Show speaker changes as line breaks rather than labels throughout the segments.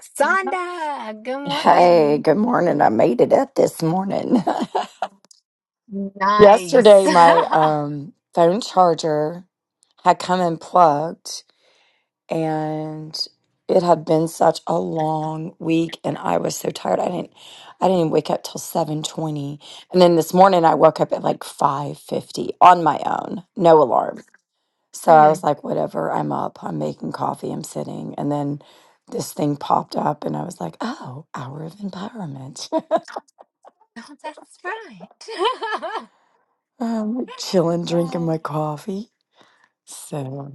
Sonda, good
Hey,
morning.
good morning. I made it up this morning.
Nice.
Yesterday, my um, phone charger had come unplugged, and it had been such a long week, and I was so tired. I didn't, I didn't wake up till seven twenty, and then this morning I woke up at like five fifty on my own, no alarm. So I was
Mhm.
like, whatever. I'm up. I'm making coffee. I'm sitting, and then this thing popped up, and I was like, oh, hour of empowerment.
No, that's right.
I'm chilling, drinking my
um,
coffee. So,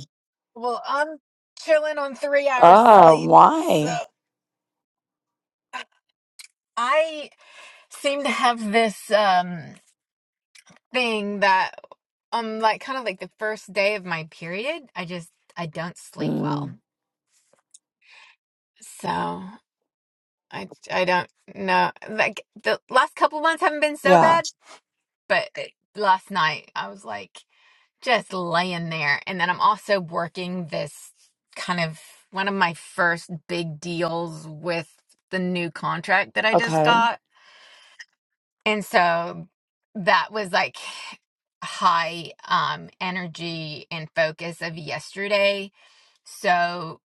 well, I'm chilling on three hours
oh,
sleep. So
why?
I seem to have this um thing that um like kind of like the first day of my period, I just I don't sleep well.
Mm,
So I I don't know. Like the last couple months haven't been so
yeah.
bad, but it- last night I was like just laying there. And then I'm also working this kind of one of my first big deals with the new contract that I just
Okay.
got. And so that was like high um energy and focus of yesterday. So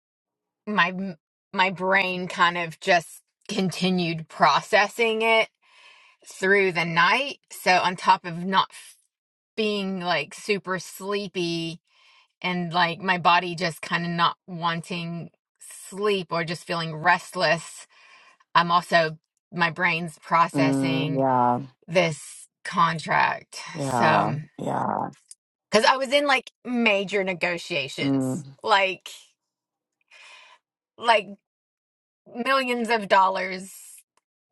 my my brain kind of just continued processing it through the night. So on top of not f- being like super sleepy, and like my body just kind of not wanting sleep or just feeling restless. I'm also, my brain's
Mm,
processing
yeah.
this contract.
Yeah.
So,
Yeah.
because I was in like major
Mm,
negotiations, like, like millions of dollars,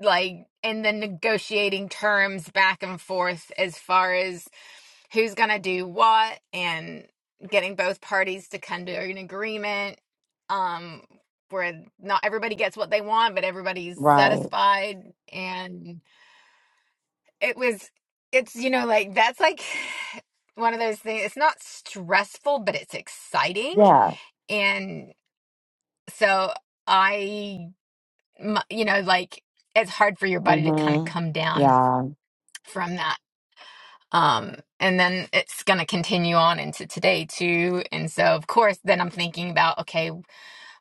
like, and then negotiating terms back and forth as far as who's going to do what and getting both parties to come to an agreement um where not everybody gets what they want but everybody's
right.
satisfied and it was it's you know like that's like one of those things it's not stressful but it's exciting
Yeah.
and so i m- you know like it's hard for your body to kind of
Mm-hmm.
come down
Yeah.
from that Um, and then it's going to continue on into today too. And so, of course, then I'm thinking about okay,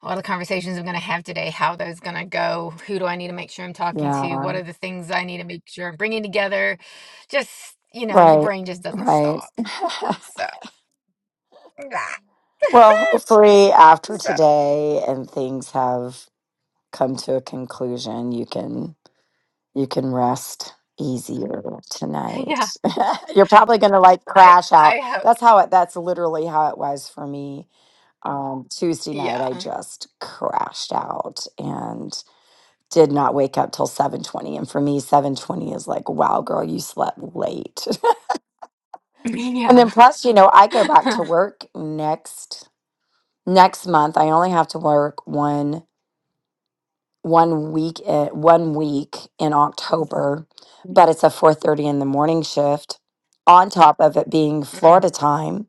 all the conversations I'm going to have today, how are those going to go, who do I need to make sure I'm talking to,
Yeah.
what are the things I need to make sure I'm bringing together. Just, you know, and your
Right.
brain just doesn't
Right.
stop. So,
well, hopefully after
so
today and things have come to a conclusion, you can You can rest easier
yeah,
tonight. You're probably going to like
I,
crash
I
out.
hope,
That's how it, that's literally how it was for me. Um, Tuesday night,
yeah,
I just crashed out and did not wake up till 7.20 and for me 7.20 is like wow girl you slept late and then
yeah.
plus you know i go back to work next next month i only have to work one. one week at, one week in October, but
Mm,
it's a 4:30 in the morning shift on top of it being
mm,
Florida time.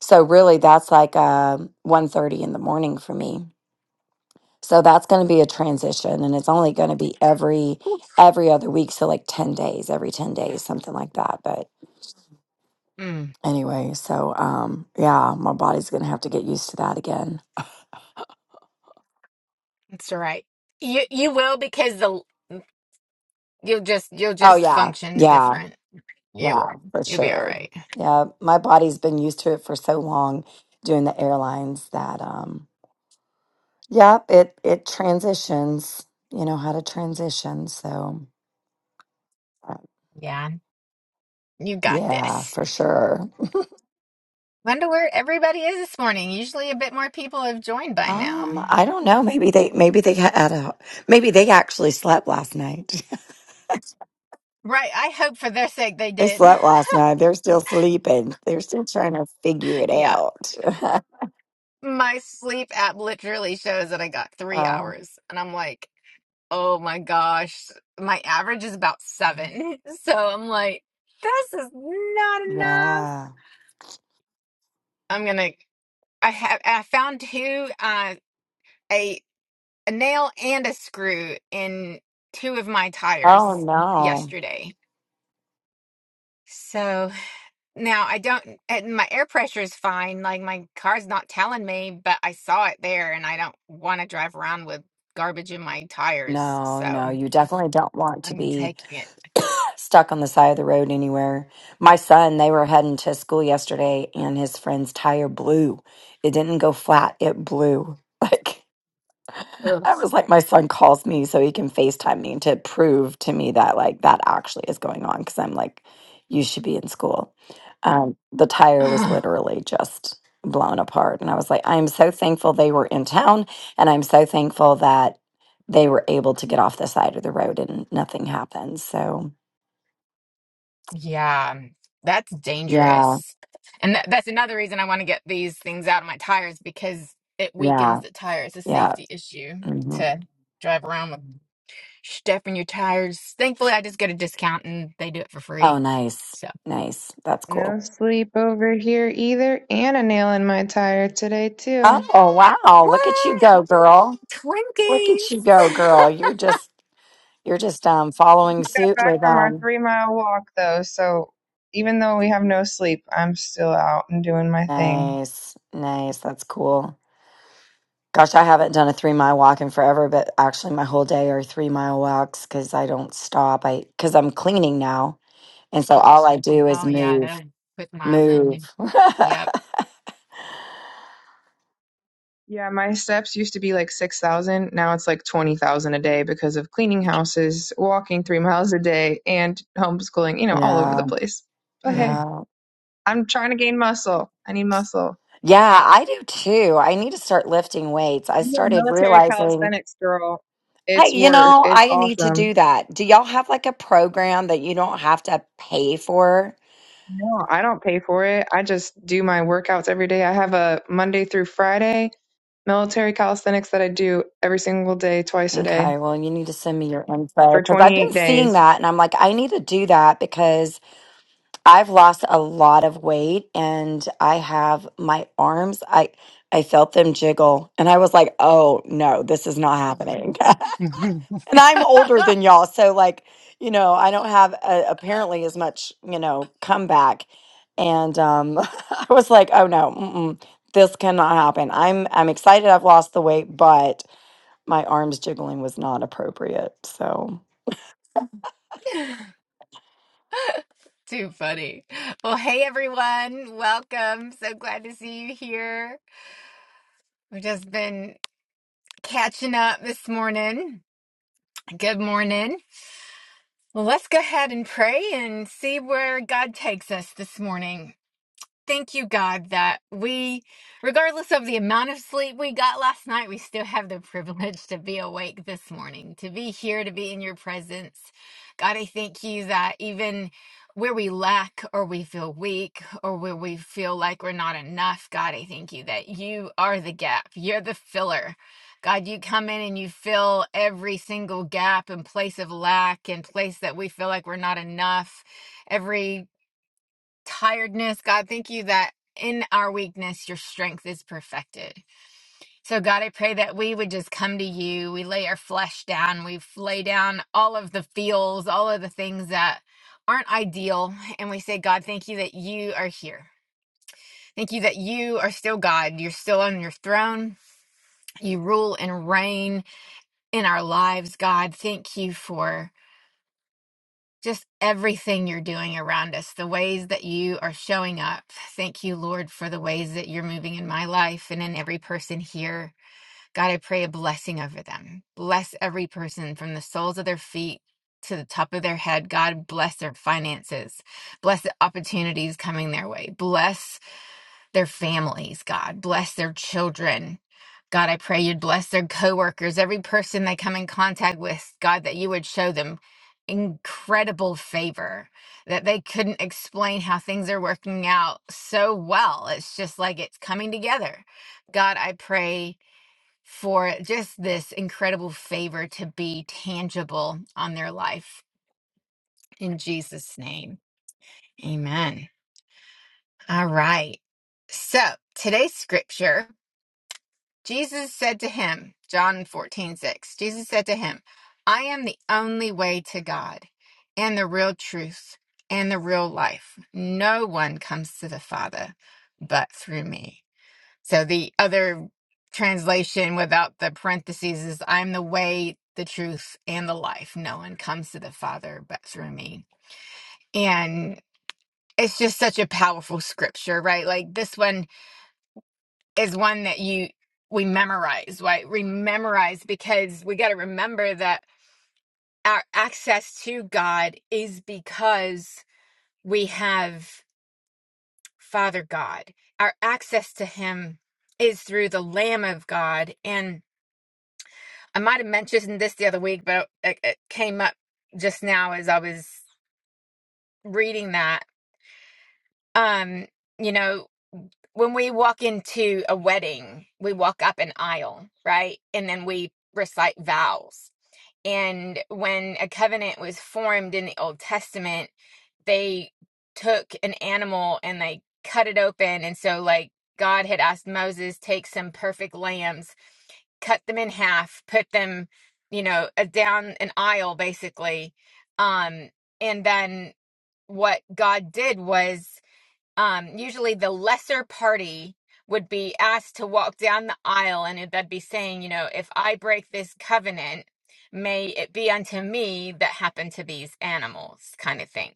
So really that's like uh one thirty in the morning for me. So that's going to be a transition and it's only going to be every every other week so like 10 days, every 10 days something like that, but
mm.
anyway, so um yeah, my body's going to have to get used to that again.
That's right. You, you will because the, you'll just, you'll
Oh
just
yeah.
function
Yeah.
different You will.
Yeah, for
You'll be all
sure.
right.
Yeah, my body's been used to it for so long doing the airlines that um yeah, it it transitions, you know how to transition. So uh,
Yeah, you got
yeah,
this.
for sure.
Wonder where everybody is this morning. Usually a bit more people have joined by now.
Um, I don't know. Maybe they maybe they had a maybe they actually slept last night.
Right, I hope for their sake they
They
did.
slept last night. They're still sleeping. They're still trying to figure it
Yeah.
out.
My sleep app literally shows that I got three
Uh,
hours. And I'm like, oh my gosh. My average is about seven. So I'm like, this is not enough.
yeah.
I'm gonna I have I found two uh eight. a nail and a screw in two of my tires
Oh no.
yesterday. So now I don't, and my air pressure is fine. Like my car's not telling me, but I saw it there and I don't want to drive around with garbage in my tires.
No, no.
So
You definitely don't want to
I'm
be
taking it.
stuck on the side of the road anywhere. My son, they were heading to school yesterday and his friend's tire blew. It didn't go flat, it blew. Like I was like, my son calls me so he can FaceTime me to prove to me that like that actually is going on because I'm like, you should be in school. Um, the tire was
Ugh.
literally just blown apart. And I was like, I'm so thankful they were in town and I'm so thankful that they were able to get off the side of the road and nothing happened. So
yeah, that's
yeah.
dangerous. And that, that's another reason I want to get these things out of my tires because it weakens
Yeah,
the tire. It's a
yeah.
safety issue
hmm
to drive around with. stuffing your tires. Thankfully, I just get a discount and they do it for
Oh,
free.
nice,
So
nice. That's cool.
No sleep over here either, and a nail in my tire today too.
Oh, wow! Look at you
what
go, girl.
Twinkies?
Look at you go, girl. You're just you're just um
We
following
got
suit
back
with
from our
um.
three mile walk though, so even though we have no sleep, I'm still out and doing my thing.
Nice, nice. That's cool. Gosh, I haven't done a three mile walk in forever, but actually, my whole day are three mile walks because I don't stop. I because I'm cleaning now, and so all I do is
oh yeah,
move,
that will put mild in.
move.
you. Yep.
Yeah, my steps used to be like 6,000. Now it's like 20,000 a day because of cleaning houses, walking three miles a day, and homeschooling, you know, all over the
yeah,
place. But hey,
Mm.
yeah.
I'm trying to gain muscle. I need muscle.
Yeah, I do too. I need to start lifting weights. I
I'm a
started
military
realizing,
calisthenics girl.
I,
It's
you
work.
know,
It's
I need to
awesome.
do that. Do y'all have like a program that you don't have to pay for?
No, I don't pay for it. I just do my workouts every day. I have a Monday through Friday military calisthenics that I do every single day, twice a day
Okay, well, you need to send me your info
for
because I've been
28
seeing
days.
that and I'm like, I need to do that because I've lost a lot of weight and I have my arms, I I felt them jiggle and I was like, oh no, this is not happening. And I'm older than y'all, so like, you know, I don't have uh apparently as much, you know, comeback. And um, I was like, oh no, mm-mm, this cannot happen. I'm I'm excited I've lost the weight, but my arms jiggling was not appropriate. So
Too funny. Well, hey everyone, welcome. So glad to see you here. We've just been catching up this morning. Good morning. Well, let's go ahead and pray and see where God takes us this morning. Thank you, God, that we, regardless of the amount of sleep we got last night, we still have the privilege to be awake this morning, to be here, to be in your presence. God, I thank you that even where we lack or we feel weak or where we feel like we're not enough, God, I thank you that you are the gap, you're the filler. God, you come in and you fill every single gap and place of lack and place that we feel like we're not enough Every tiredness. God, thank you that in our weakness, your strength is perfected. So, God, I pray that we would just come to you. We lay our flesh down. We f- lay down all of the feels, all of the things that aren't ideal. And we say, God, thank you that you are here. Thank you that you are still God. You're still on your throne. You rule and reign in our lives, God. Thank you for. just everything you're doing around us, the ways that you are showing up. Thank you, Lord, for the ways that you're moving in my life and in every person here. God, I pray a blessing over them. Bless every person from the soles of their feet to the top of their head. God, bless their finances. Bless the opportunities coming their way. Bless their families, God. Bless their children. God, I pray you'd bless their coworkers, every person they come in contact with, God, that you would show them incredible favor, that they couldn't explain how things are working out so well. It's just like it's coming together. God, I pray for just this incredible favor to be tangible on their life. In Jesus' name, amen. All right. So today's scripture. Jesus said to him, John fourteen six. Jesus said to him, I am the only way to God, and the real truth, and the real life. No one comes to the Father but through me. So the other translation without the parentheses is, I'm the way, the truth, and the life. No one comes to the Father but through me. And it's just such a powerful scripture, right? Like this one is one that you we memorize, right? We memorize because we got to remember that our access to God is because we have Father God. Our access to Him is through the Lamb of God. And I might have mentioned this the other week, but it, it came up just now as I was reading that. Um, you know, when we walk into a wedding, we walk up an aisle, right? And then we recite vows And when a covenant was formed in the Old Testament, they took an animal and they cut it open. And so, like, God had asked Moses, take some perfect lambs, cut them in half, put them, you know, uh, down an aisle, basically. Um, and then what God did was um, usually the lesser party would be asked to walk down the aisle and it- they'd be saying, you know, if I break this covenant, may it be unto me that happen to these animals, kind of thing.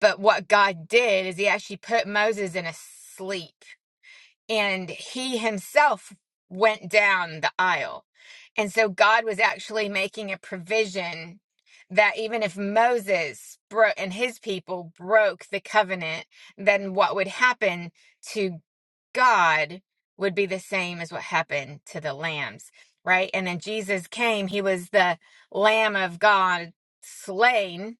But what God did is he actually put Moses in a sleep and he himself went down the aisle. And so God was actually making a provision that even if Moses bro- and his people broke the covenant, then what would happen to God would be the same as what happened to the lambs, right? And then Jesus came, he was the lamb of God slain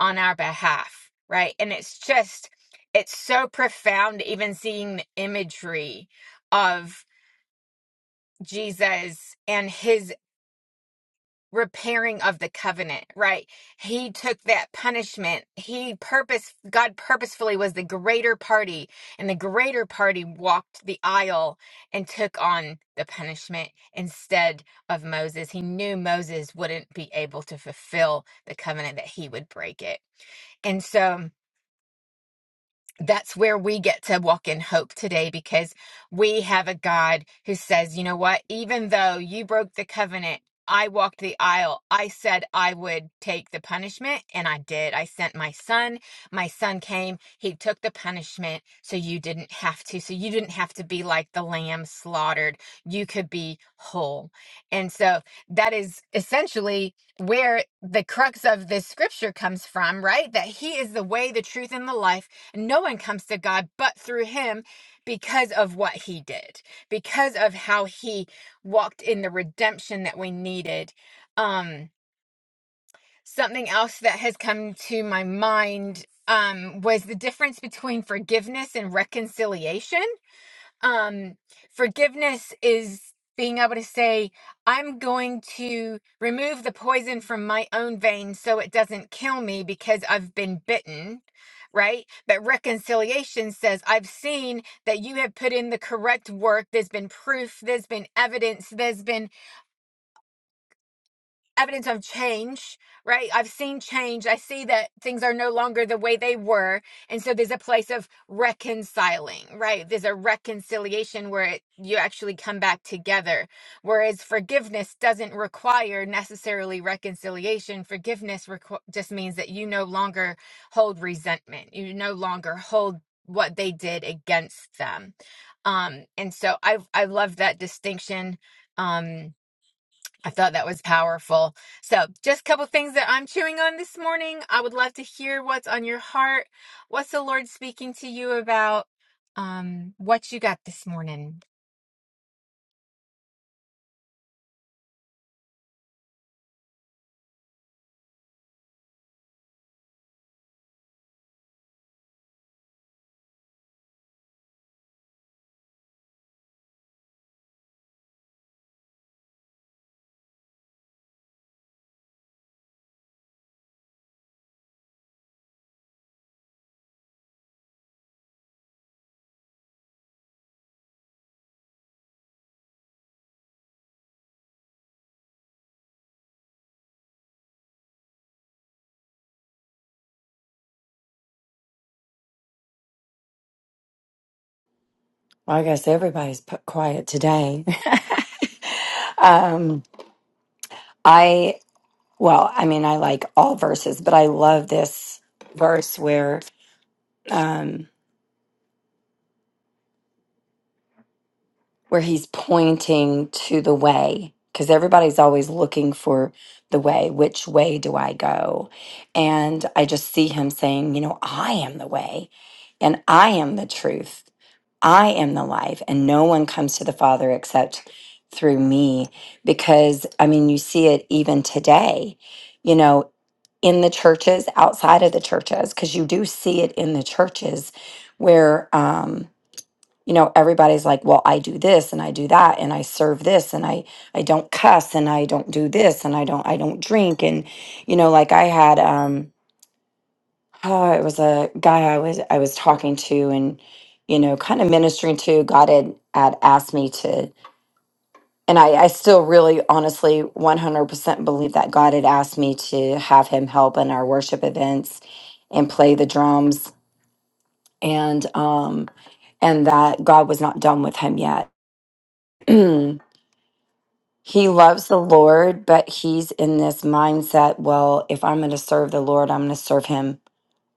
on our behalf, right? And it's just, it's so profound, even seeing the imagery of Jesus and his repairing of the covenant, right? He took that punishment. He purpose, God purposefully was the greater party, and the greater party walked the aisle and took on the punishment instead of Moses. He knew Moses wouldn't be able to fulfill the covenant, that he would break it. And so, that's where we get to walk in hope today because we have a God who says, you know what, even though you broke the covenant, I walked the aisle. I said I would take the punishment, and I did. I sent my son. My son came. He took the punishment, so you didn't have to. So you didn't have to be like the lamb slaughtered. You could be whole. And so that is essentially where the crux of this scripture comes from, right? That he is the way, the truth, and the life no one comes to God but through him because of what he did, because of how he walked in the redemption that we needed. Um, something else that has come to my mind um, was the difference between forgiveness and reconciliation. Um, forgiveness is being able to say, I'm going to remove the poison from my own veins so it doesn't kill me because I've been bitten. Right. But reconciliation says, I've seen that you have put in the correct work. There's been proof. There's been evidence. There's been evidence of change, right? I've seen change. I see that things are no longer the way they were. And so there's a place of reconciling, right? There's a reconciliation where it, you actually come back together. Whereas forgiveness doesn't require necessarily reconciliation. Forgiveness requ- just means that you no longer hold resentment, you no longer hold what they did against them. Um, and so I I love that distinction. Um, I thought that was powerful. So, just a couple things that I'm chewing on this morning. I would love to hear what's on your heart. What's the Lord speaking to you about? Um, what you got this morning?
Well, I guess everybody's put quiet today. um, I well, I mean, I like all verses, but I love this verse where. where he's pointing to the way because everybody's always looking for the way which way do i go and i just see him saying you know i am the way and i am the truth i am the life and no one comes to the father except through me because i mean you see it even today you know in the churches outside of the churches because you do see it in the churches where um, you know everybody's like well i do this and i do that and i serve this and i i don't cuss and i don't do this and i don't i don't drink and you know like i had um oh it was a guy i was i was talking to and you know kind of ministering to god had, had asked me to and I, I still really honestly 100% believe that god had asked me to have him help in our worship events and play the drums and um and that god was not done with him yet he loves the Lord, but he's in this mindset well, if I'm going to serve the Lord, I'm going to serve him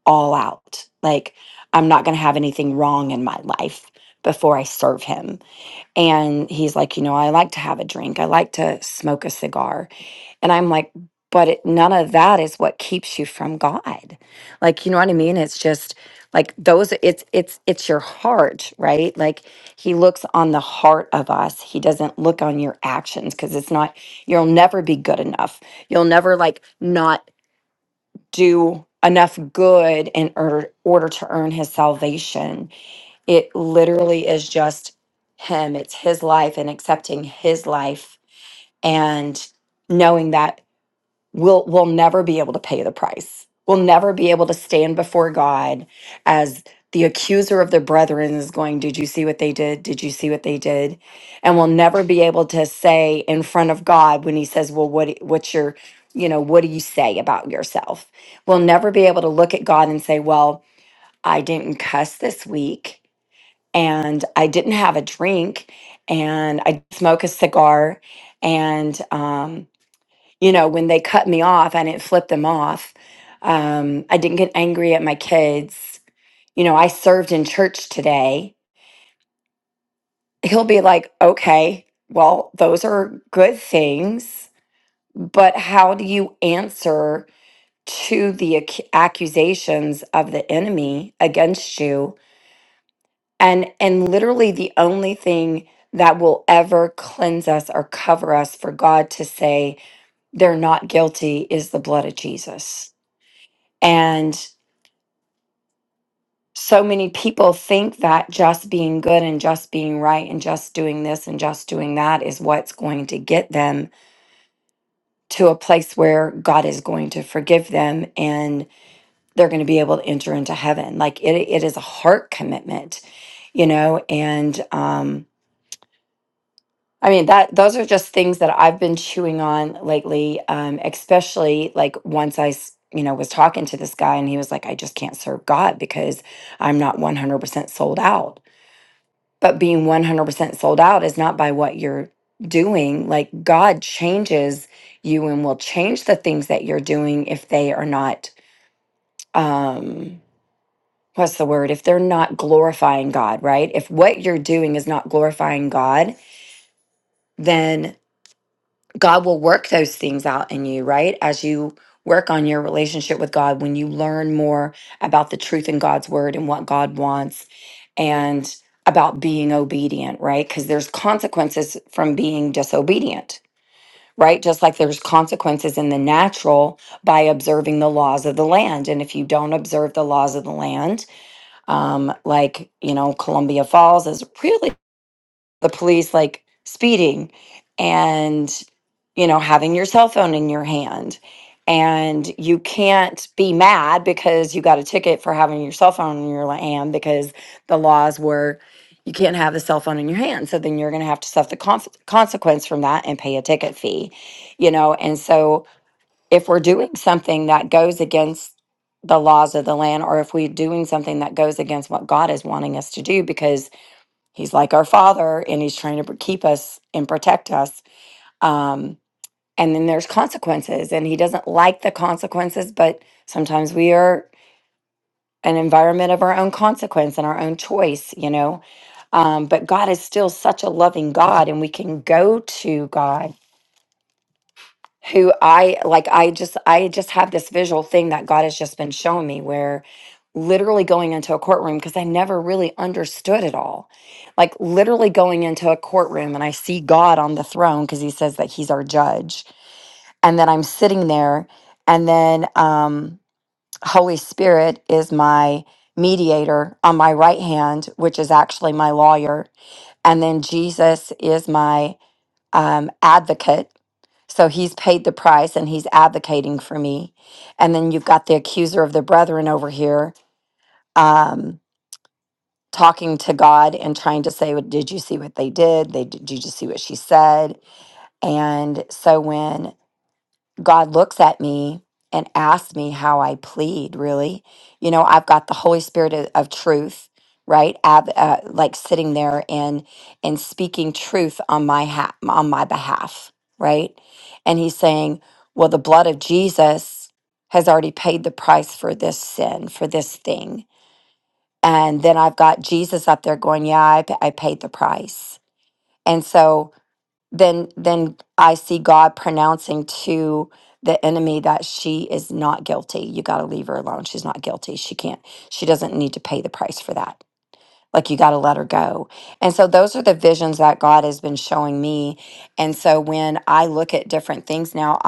all out. Like, I'm not going to have anything wrong in my life before I serve him. And he's like, you know, I like to have a drink, I like to smoke a cigar. And I'm like, but it, none of that is what keeps you from God. Like, you know what I mean? It's just like those it's it's it's your heart, right? Like he looks on the heart of us. He doesn't look on your actions cuz it's not you'll never be good enough. You'll never like not do enough good in order, order to earn his salvation. It literally is just him. It's his life and accepting his life and knowing that will will never be able to pay the price. Will never be able to stand before God as the accuser of their brethren is going, Did you see what they did? Did you see what they did? And will never be able to say in front of God when he says, Well, what what's your, you know, what do you say about yourself? We'll never be able to look at God and say, Well, I didn't cuss this week and I didn't have a drink and I didn't smoke a cigar and um you know, when they cut me off, I didn't flip them off. Um, I didn't get angry at my kids. You know, I served in church today. He'll be like, okay, well, those are good things, but how do you answer to the ac- accusations of the enemy against you? And and literally the only thing that will ever cleanse us or cover us for God to say they're not guilty is the blood of Jesus. And so many people think that just being good and just being right and just doing this and just doing that is what's going to get them to a place where God is going to forgive them and they're going to be able to enter into heaven. Like it, it is a heart commitment, you know. And um, I mean that those are just things that I've been chewing on lately, um, especially like once I, s- you know, was talking to this guy and he was like, "I just can't serve God because I'm not 100% sold out." but being 100% sold out is not by what you're doing. Like God changes you and will change the things that you're doing if they are not um what's the word? If they're not glorifying God, right? If what you're doing is not glorifying God, then God will work those things out in you, right? As you work on your relationship with God, when you learn more about the truth in God's word and what God wants and about being obedient, right? Because there's consequences from being disobedient, right? Just like there's consequences in the natural by observing the laws of the land. And if you don't observe the laws of the land, um, like, you know, Columbia Falls is really the police like speeding and you know having your cell phone in your hand and you can't be mad because you got a ticket for having your cell phone in your hand because the laws were you can't have the cell phone in your hand so then you're going to have to suffer the conf- consequence from that and pay a ticket fee you know and so if we're doing something that goes against the laws of the land or if we're doing something that goes against what god is wanting us to do because He's like our father and he's trying to keep us and protect us. Um, and then there's consequences, and he doesn't like the consequences, but sometimes we are an environment of our own consequence and our own choice, you know. Um, but God is still such a loving God, and we can go to God who I like I just I just have this visual thing that God has just been showing me where literally going into a courtroom because I never really understood it all. Like literally going into a courtroom and I see God on the throne because he says that he's our judge. And then I'm sitting there and then um Holy Spirit is my mediator on my right hand, which is actually my lawyer. And then Jesus is my um advocate so he's paid the price and he's advocating for me. And then you've got the accuser of the brethren over here um, talking to God and trying to say, well, Did you see what they did? They, did you just see what she said? And so when God looks at me and asks me how I plead, really. You know, I've got the Holy Spirit of, of truth, right? Ab, uh, like sitting there and and speaking truth on my ha- on my behalf, right? And he's saying, "Well, the blood of Jesus has already paid the price for this sin, for this thing." And then I've got Jesus up there going, "Yeah, I, pa- I paid the price." And so then then I see God pronouncing to the enemy that she is not guilty. You got to leave her alone. She's not guilty. She can't. She doesn't need to pay the price for that. Like you got to let her go. And so those are the visions that God has been showing me. And so when I look at different things now,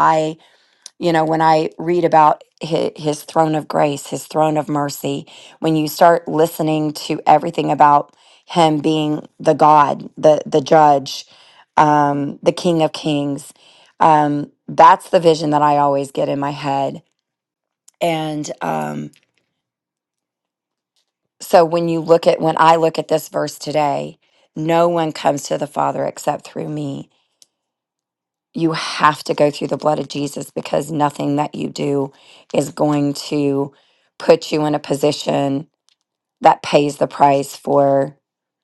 you know, when I read about his, his throne of grace, his throne of mercy, when you start listening to everything about him being the God, the the judge, um, the King of Kings, um, that's the vision that I always get in my head. And um, so when you look at when I look at this verse today, no one comes to the Father except through me you have to go through the blood of Jesus because nothing that you do is going to put you in a position that pays the price for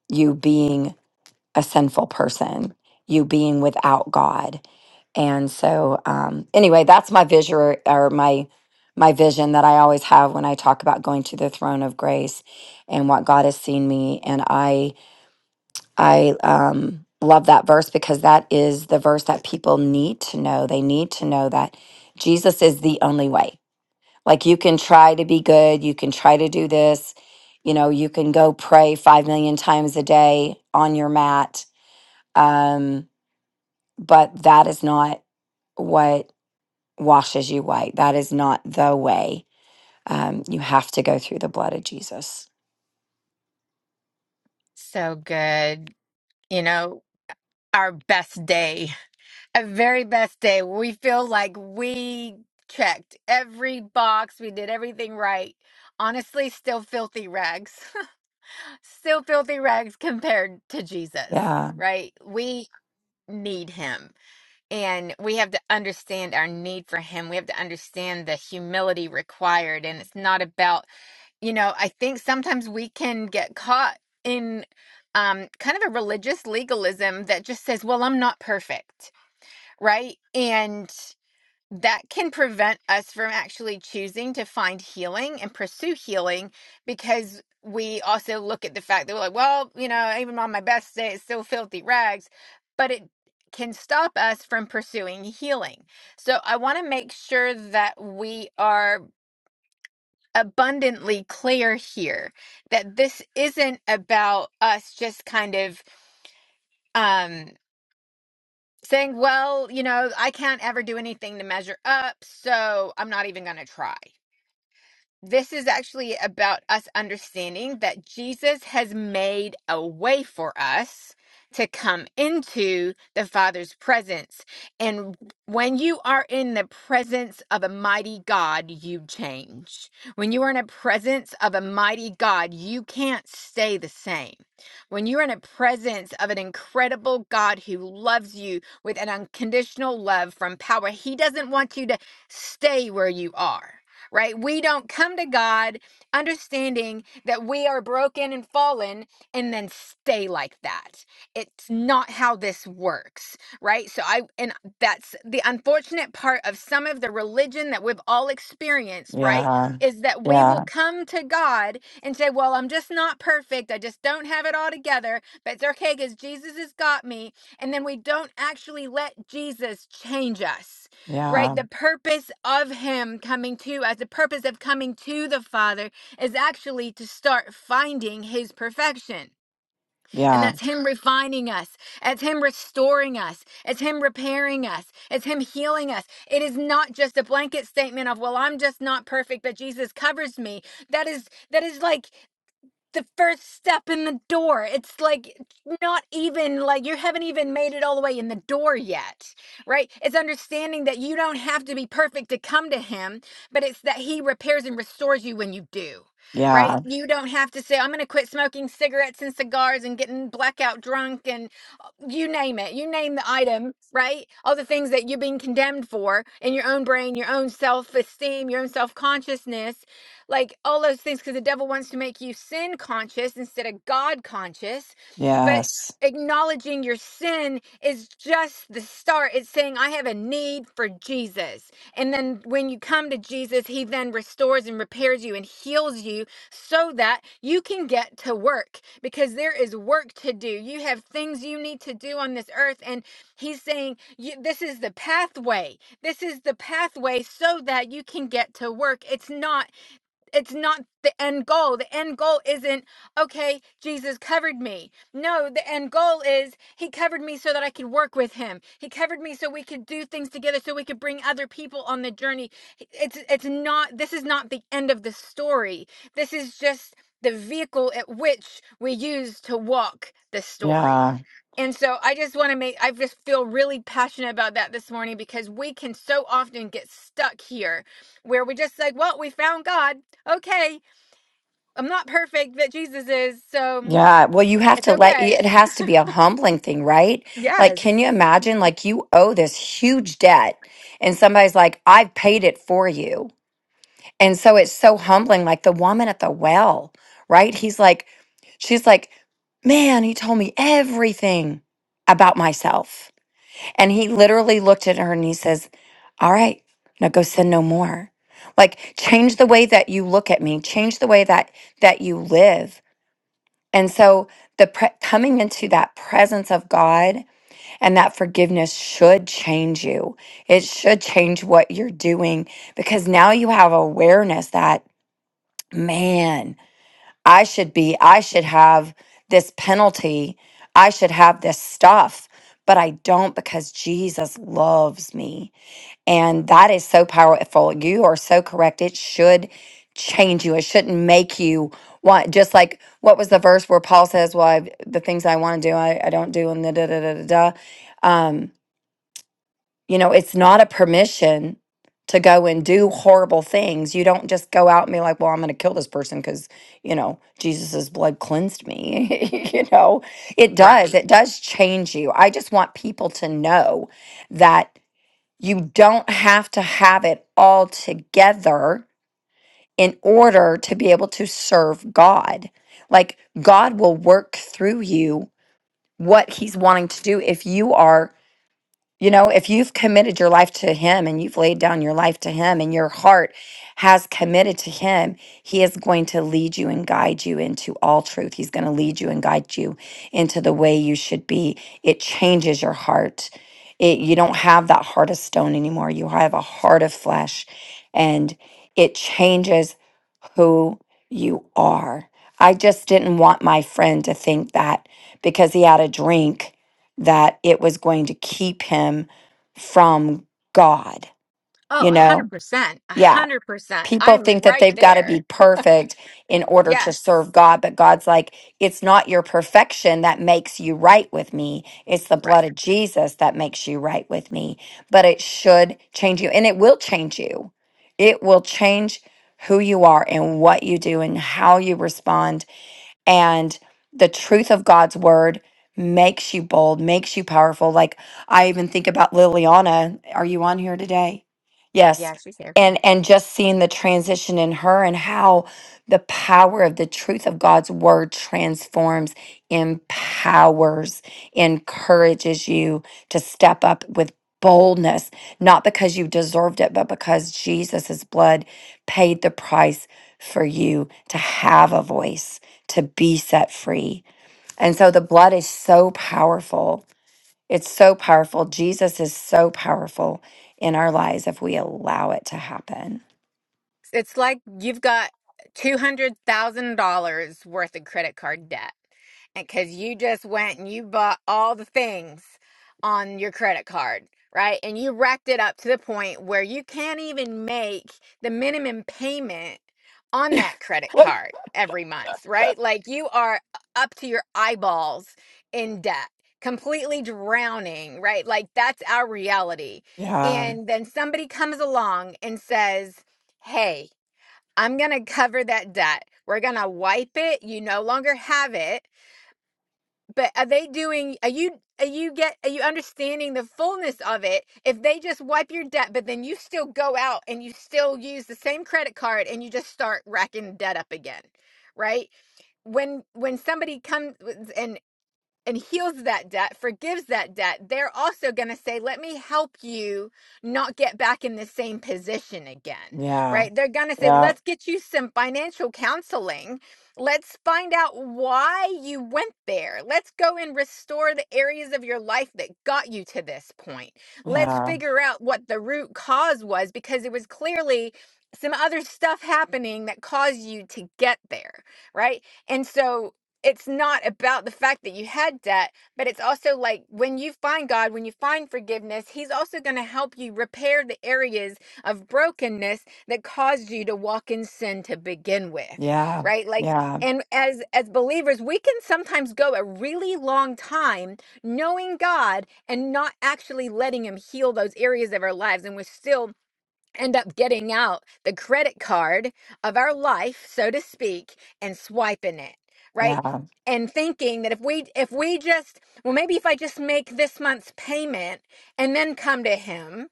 you being a sinful person, you being without God. And so, um, anyway, that's my visual or my my vision that I always have when I talk about going to the throne of grace and what God has seen me. And I I um, love that verse because that is the verse that people need to know. They need to know that Jesus is the only way. Like you can try to be good, you can try to do this, you know, you can go pray 5 million times a day on your mat. Um, but that is not what washes you white. That is not the way um, you have to go through the blood of Jesus.
So good. You know, our best day, our very best day. We feel like we checked every box, we did everything right. Honestly, still filthy rags, still filthy rags compared to Jesus,
Yeah,
right? We need him And we have to understand our need for him. We have to understand the humility required. And it's not about, you know, I think sometimes we can get caught in um, kind of a religious legalism that just says, well, I'm not perfect, right? And that can prevent us from actually choosing to find healing and pursue healing because we also look at the fact that we're like, well, you know, even on my best day, it's still filthy rags, but it can stop us from pursuing healing. So I want to make sure that we are abundantly clear here that this isn't about us just kind of um saying, well, you know, I can't ever do anything to measure up, so I'm not even going to try this is actually about us understanding that Jesus has made a way for us to come into the Father's presence. And when you are in the presence of a mighty God, you change. When you are in a presence of a mighty God, you can't stay the same. When you're in a presence of an incredible God who loves you with an unconditional love from power, He doesn't want you to stay where you are right? We don't come to God understanding that we are broken and fallen and then stay like that. It's not how this works, right? So I and that's the unfortunate part of some of the religion that we've all experienced, right?
yeah,
Is that we will
yeah,
come to God and say, "Well, I'm just not perfect. I just don't have it all together, but it's okay cuz Jesus has got me." And then we don't actually let Jesus change us right?
yeah,
The purpose of him coming to us, the purpose of coming to the Father is actually to start finding his perfection. And
yeah,
that's him refining us, it's him restoring us, it's him repairing us, it's him healing us. It is not just a blanket statement of, well, I'm just not perfect, but Jesus covers me. That is that is like the first step in the door. It's like not even like you haven't even made it all the way in the door yet, right? It's understanding that you don't have to be perfect to come to Him, but it's that He repairs and restores you when you do. Right? You don't have to say, I'm going to quit smoking cigarettes and cigars and getting blackout drunk and you name it, you name the item, right? All the things that you are being condemned for in your own brain, your own self esteem, your own self consciousness, like all those things, because the devil wants to make you sin conscious instead of God conscious.
yeah,
But acknowledging your sin is just the start. It's saying, I have a need for Jesus. And then when you come to Jesus, he then restores and repairs you and heals you so that you can get to work because there is work to do. You have things you need to do on this earth. And he's saying, This is the pathway. This is the pathway so that you can get to work. It's not it's not the end goal. The end goal isn't, okay, Jesus covered me. No, the end goal is he covered me so that I could work with him. He covered me so we could do things together so we could bring other people on the journey. It's it's not this is not the end of the story. This is just the vehicle at which we use to walk the
yeah.
story. And so I just want to make I just feel really passionate about that this morning because we can so often get stuck here where we just like, well, we found God okay, I'm not perfect, but Jesus is, so
Yeah, well, you have
it's
to let
okay.
it has to be a humbling thing, right? Like,
Yes,
can you imagine? Like, you owe this huge debt, and somebody's like, I've paid it for you. And so it's so humbling. Like, the woman at the well, right? He's like, she's like, man, he told me everything about myself. And he literally looked at her and he says, All right, now go sin no more. Like, change the way that you look at me, change the way that that you live and so the pre- coming into that presence of God and that forgiveness should change you. It should change what you're doing because now you have awareness that man, I should be I should have this penalty. I should have this stuff, but I don't because Jesus loves me. And that is so powerful. You are so correct. It should change you. It shouldn't make you want, just like what was the verse where Paul says, Well, I've, the things I want to do, I, I don't do, and the da da da da da. Um, you know, it's not a permission to go and do horrible things. You don't just go out and be like, Well, I'm going to kill this person because, you know, Jesus's blood cleansed me. you know, it does.
right.
It does change you. I just want people to know that. You don't have to have it all together in order to be able to serve God. Like, God will work through you what He's wanting to do if you are you know, if you've committed your life to Him and you've laid down your life to Him and your heart has committed to Him, He is going to lead you and guide you into all truth. He's going to lead you and guide you into the way you should be. It changes your heart. It, you don't have that heart of stone anymore. You have a heart of flesh and it changes who you are. I just didn't want my friend to think that because he had a drink that it was going to keep him from God, you
Oh,
know?
100%.
Yeah.
100%.
People
I'm
think that
right
they've got to
there.
be perfect in order to
Yes,
serve God, but God's like, it's not your perfection that makes you right with me. It's the
right.
blood of Jesus that makes you right with me. But it should change you, and it will change you. It will change who you are and what you do and how you respond and the truth of God's word makes you bold, makes you powerful. Like I even think about Liliana, are you on here today? Yes.
Yeah, she's
And and just seeing the transition in her and how the power of the truth of God's word transforms, empowers, encourages you to step up with boldness, not because you deserved it, but because Jesus' blood paid the price for you to have a voice to be set free. And so the blood is so powerful. It's so powerful. Jesus is so powerful in our lives if we allow it to happen.
It's like you've got $200,000 worth of credit card debt. And because you just went and you bought all the things on your credit card, right? And you racked it up to the point where you can't even make the minimum payment on that credit card every month, right? Like you are up to your eyeballs in debt, completely drowning, right? Like that's our reality.
Yeah,
And then somebody comes along and says, "Hey." I'm going to cover that debt. We're going to wipe it. You no longer have it. But are they doing are you are you get are you understanding the fullness of it? If they just wipe your debt, but then you still go out and you still use the same credit card and you just start racking debt up again. Right? when when somebody comes and and heals that debt, forgives that debt, they're also going to say, Let me help you not get back in the same position again,
yeah,
right? They're going to say,
yeah,
Let's get you some financial counseling. Let's find out why you went there. Let's go and restore the areas of your life that got you to this point. Let's
yeah,
figure out what the root cause was because it was clearly some other stuff happening that caused you to get there, right? And so, it's not about the fact that you had debt, but it's also like when you find God, when you find forgiveness, He's also going to help you repair the areas of brokenness that caused you to walk in sin to begin with,
yeah,
right? Like,
yeah,
and as as believers, we can sometimes go a really long time knowing God and not actually letting Him heal those areas of our lives, and we're still end up getting out the credit card of our life so to speak and swiping it right
yeah,
and thinking that if we if we just well maybe if i just make this month's payment and then come to him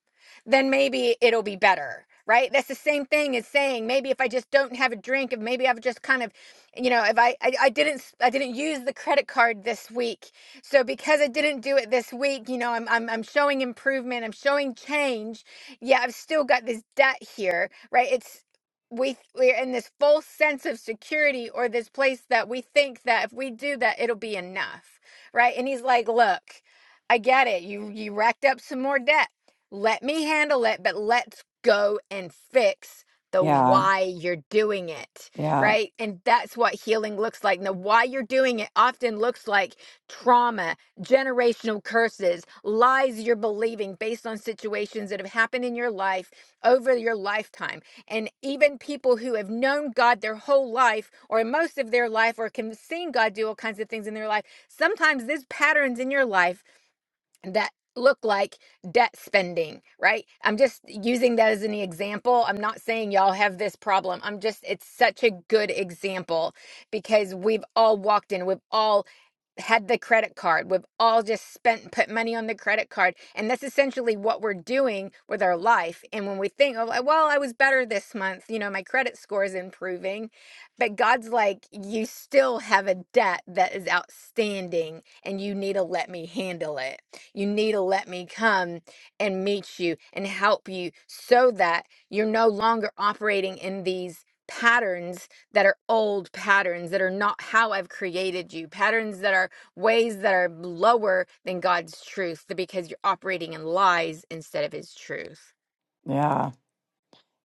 then maybe it'll be better right that's the same thing as saying maybe if i just don't have a drink if maybe i've just kind of you know if I, I i didn't s- i didn't use the credit card this week so because i didn't do it this week you know i'm i'm, I'm showing improvement i'm showing change yeah, I've still got this debt here, right? It's we we're in this false sense of security or this place that we think that if we do that it'll be enough, right? And he's like, "Look, I get it. You you racked up some more debt. Let me handle it, but let's go and fix the
yeah,
why you're doing it,
yeah,
right? And that's what healing looks like. And The why you're doing it often looks like trauma generational curses, lies you're believing based on situations that have happened in your life over your lifetime. And even people who have known God their whole life or most of their life or can seen God do all kinds of things in their life, sometimes there's patterns in your life that look like debt spending, right? I'm just using that as an example. I'm not saying y'all have this problem. I'm just it's such a good example because we've all walked in, we've all had the credit card. We've all just spent put money on the credit card, and that's essentially what we're doing with our life. And when we think, oh, like, well, I was better this month, you know, my credit score is improving, but God's like, you still have a debt that is outstanding, and you need to let me handle it. You need to let me come and meet you and help you, so that you're no longer operating in these patterns that are old patterns that are not how I've created you, patterns that are ways that are lower than God's truth because you're operating in lies instead of His truth.
yeah.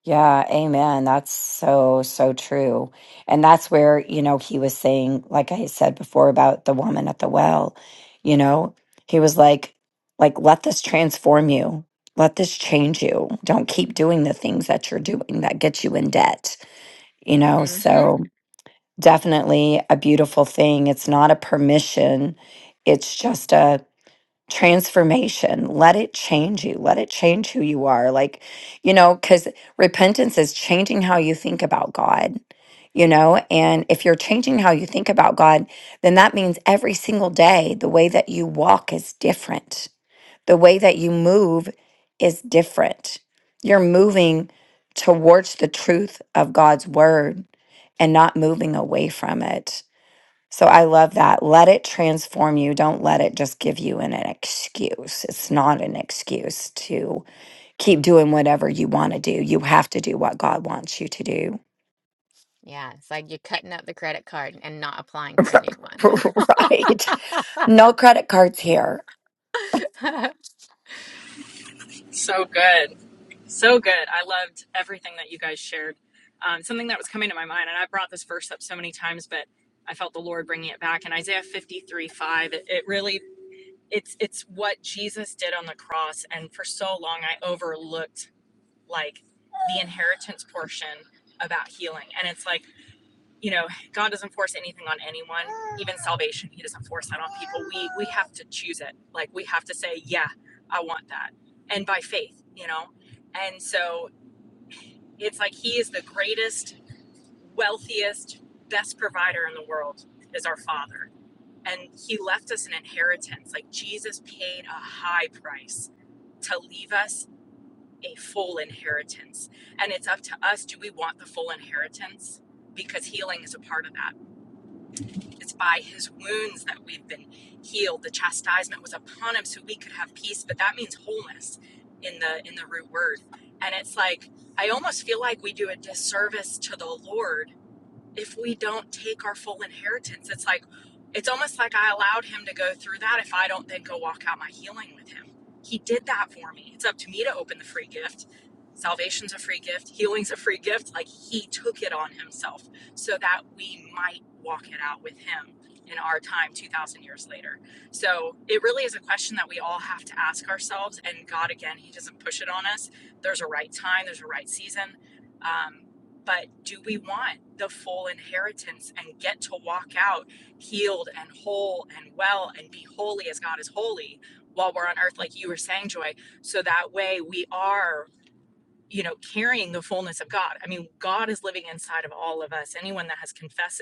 Yeah, amen. That's so, so true. And that's where, you know, he was saying, like I said before about the woman at the well, you know, he was like, like, let this transform you. Let this change you. Don't keep doing the things that you're doing that get you in debt, you know?
hmm
So definitely a beautiful thing. It's not a permission. It's just a, transformation. Let it change you. Let it change who you are. Like, you know, because repentance is changing how you think about God, you know? And if you're changing how you think about God, then that means every single day, the way that you walk is different, the way that you move is different. You're moving towards the truth of God's word and not moving away from it. So I love that. Let it transform you. Don't let it just give you an, an excuse. It's not an excuse to keep doing whatever you want to do. You have to do what God wants you to do.
Yeah, it's like you're cutting up the credit card and not applying for a new one.
right. No credit cards here.
So good. So good. I loved everything that you guys shared. Um, something that was coming to my mind, and I brought this verse up so many times, but I felt the Lord bringing it back. In Isaiah 53 5, it, it really, it's, it's what Jesus did on the cross. And for so long, I overlooked like the inheritance portion about healing. And it's like, you know, God doesn't force anything on anyone, even salvation. He doesn't force that on people. We we have to choose it. Like we have to say, yeah, I want that. And by faith, you know. And so it's like he is the greatest, wealthiest, best provider in the world is our father. And he left us an inheritance. Like Jesus paid a high price to leave us a full inheritance. And it's up to us do we want the full inheritance? Because healing is a part of that It's by his wounds that we've been healed. The chastisement was upon him so we could have peace, but that means wholeness in the in the root word. And it's like I almost feel like we do a disservice to the Lord if we don't take our full inheritance. It's like, it's almost like I allowed him to go through that if I don't then go walk out my healing with him. He did that for me. It's up to me to open the free gift. Salvation's a free gift, healing's a free gift. Like he took it on himself so that we might walk it out with him in our time 2,000 years later. So it really is a question that we all have to ask ourselves. And God, again, He doesn't push it on us. There's a right time, there's a right season. Um, but do we want the full inheritance and get to walk out healed and whole and well and be holy as God is holy while we're on earth, like you were saying, Joy? So that way we are, you know, carrying the fullness of God. I mean, God is living inside of all of us. Anyone that has confessed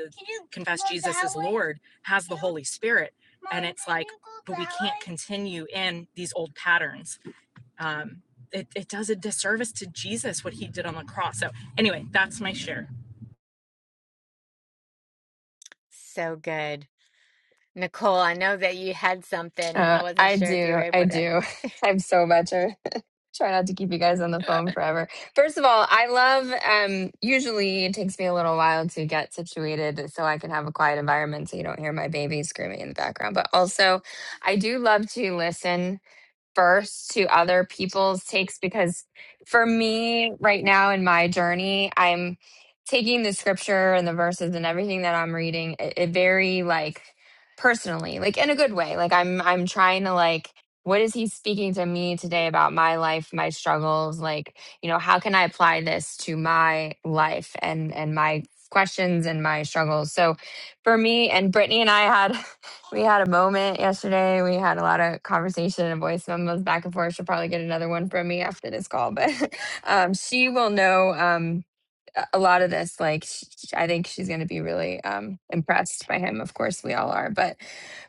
confessed Jesus as Lord has the Holy Spirit. And it's like, but we can't continue in these old patterns. Um, it, it does a disservice to Jesus what he did on the cross. So anyway, that's my share.
So good. Nicole, I know that you had something. I
Uh,
wasn't
I
sure if you were
do. I
able to.
do. I'm so much. I try not to keep you guys on the phone forever. First of all, I love, um, usually it takes me a little while to get situated so I can have a quiet environment so you don't hear my baby screaming in the background. But also, I do love to listen first to other people's takes because for me right now in my journey i'm taking the scripture and the verses and everything that i'm reading it, it very like personally like in a good way like i'm i'm trying to like what is he speaking to me today about my life my struggles like you know how can i apply this to my life and and my questions and my struggles so for me and brittany and i had we had a moment yesterday. We had a lot of conversation and voice memos back and forth. She'll probably get another one from me after this call, but um, she will know. Um, a a lot of this like sh- sh- i think she's going to be really um impressed by him of course we all are but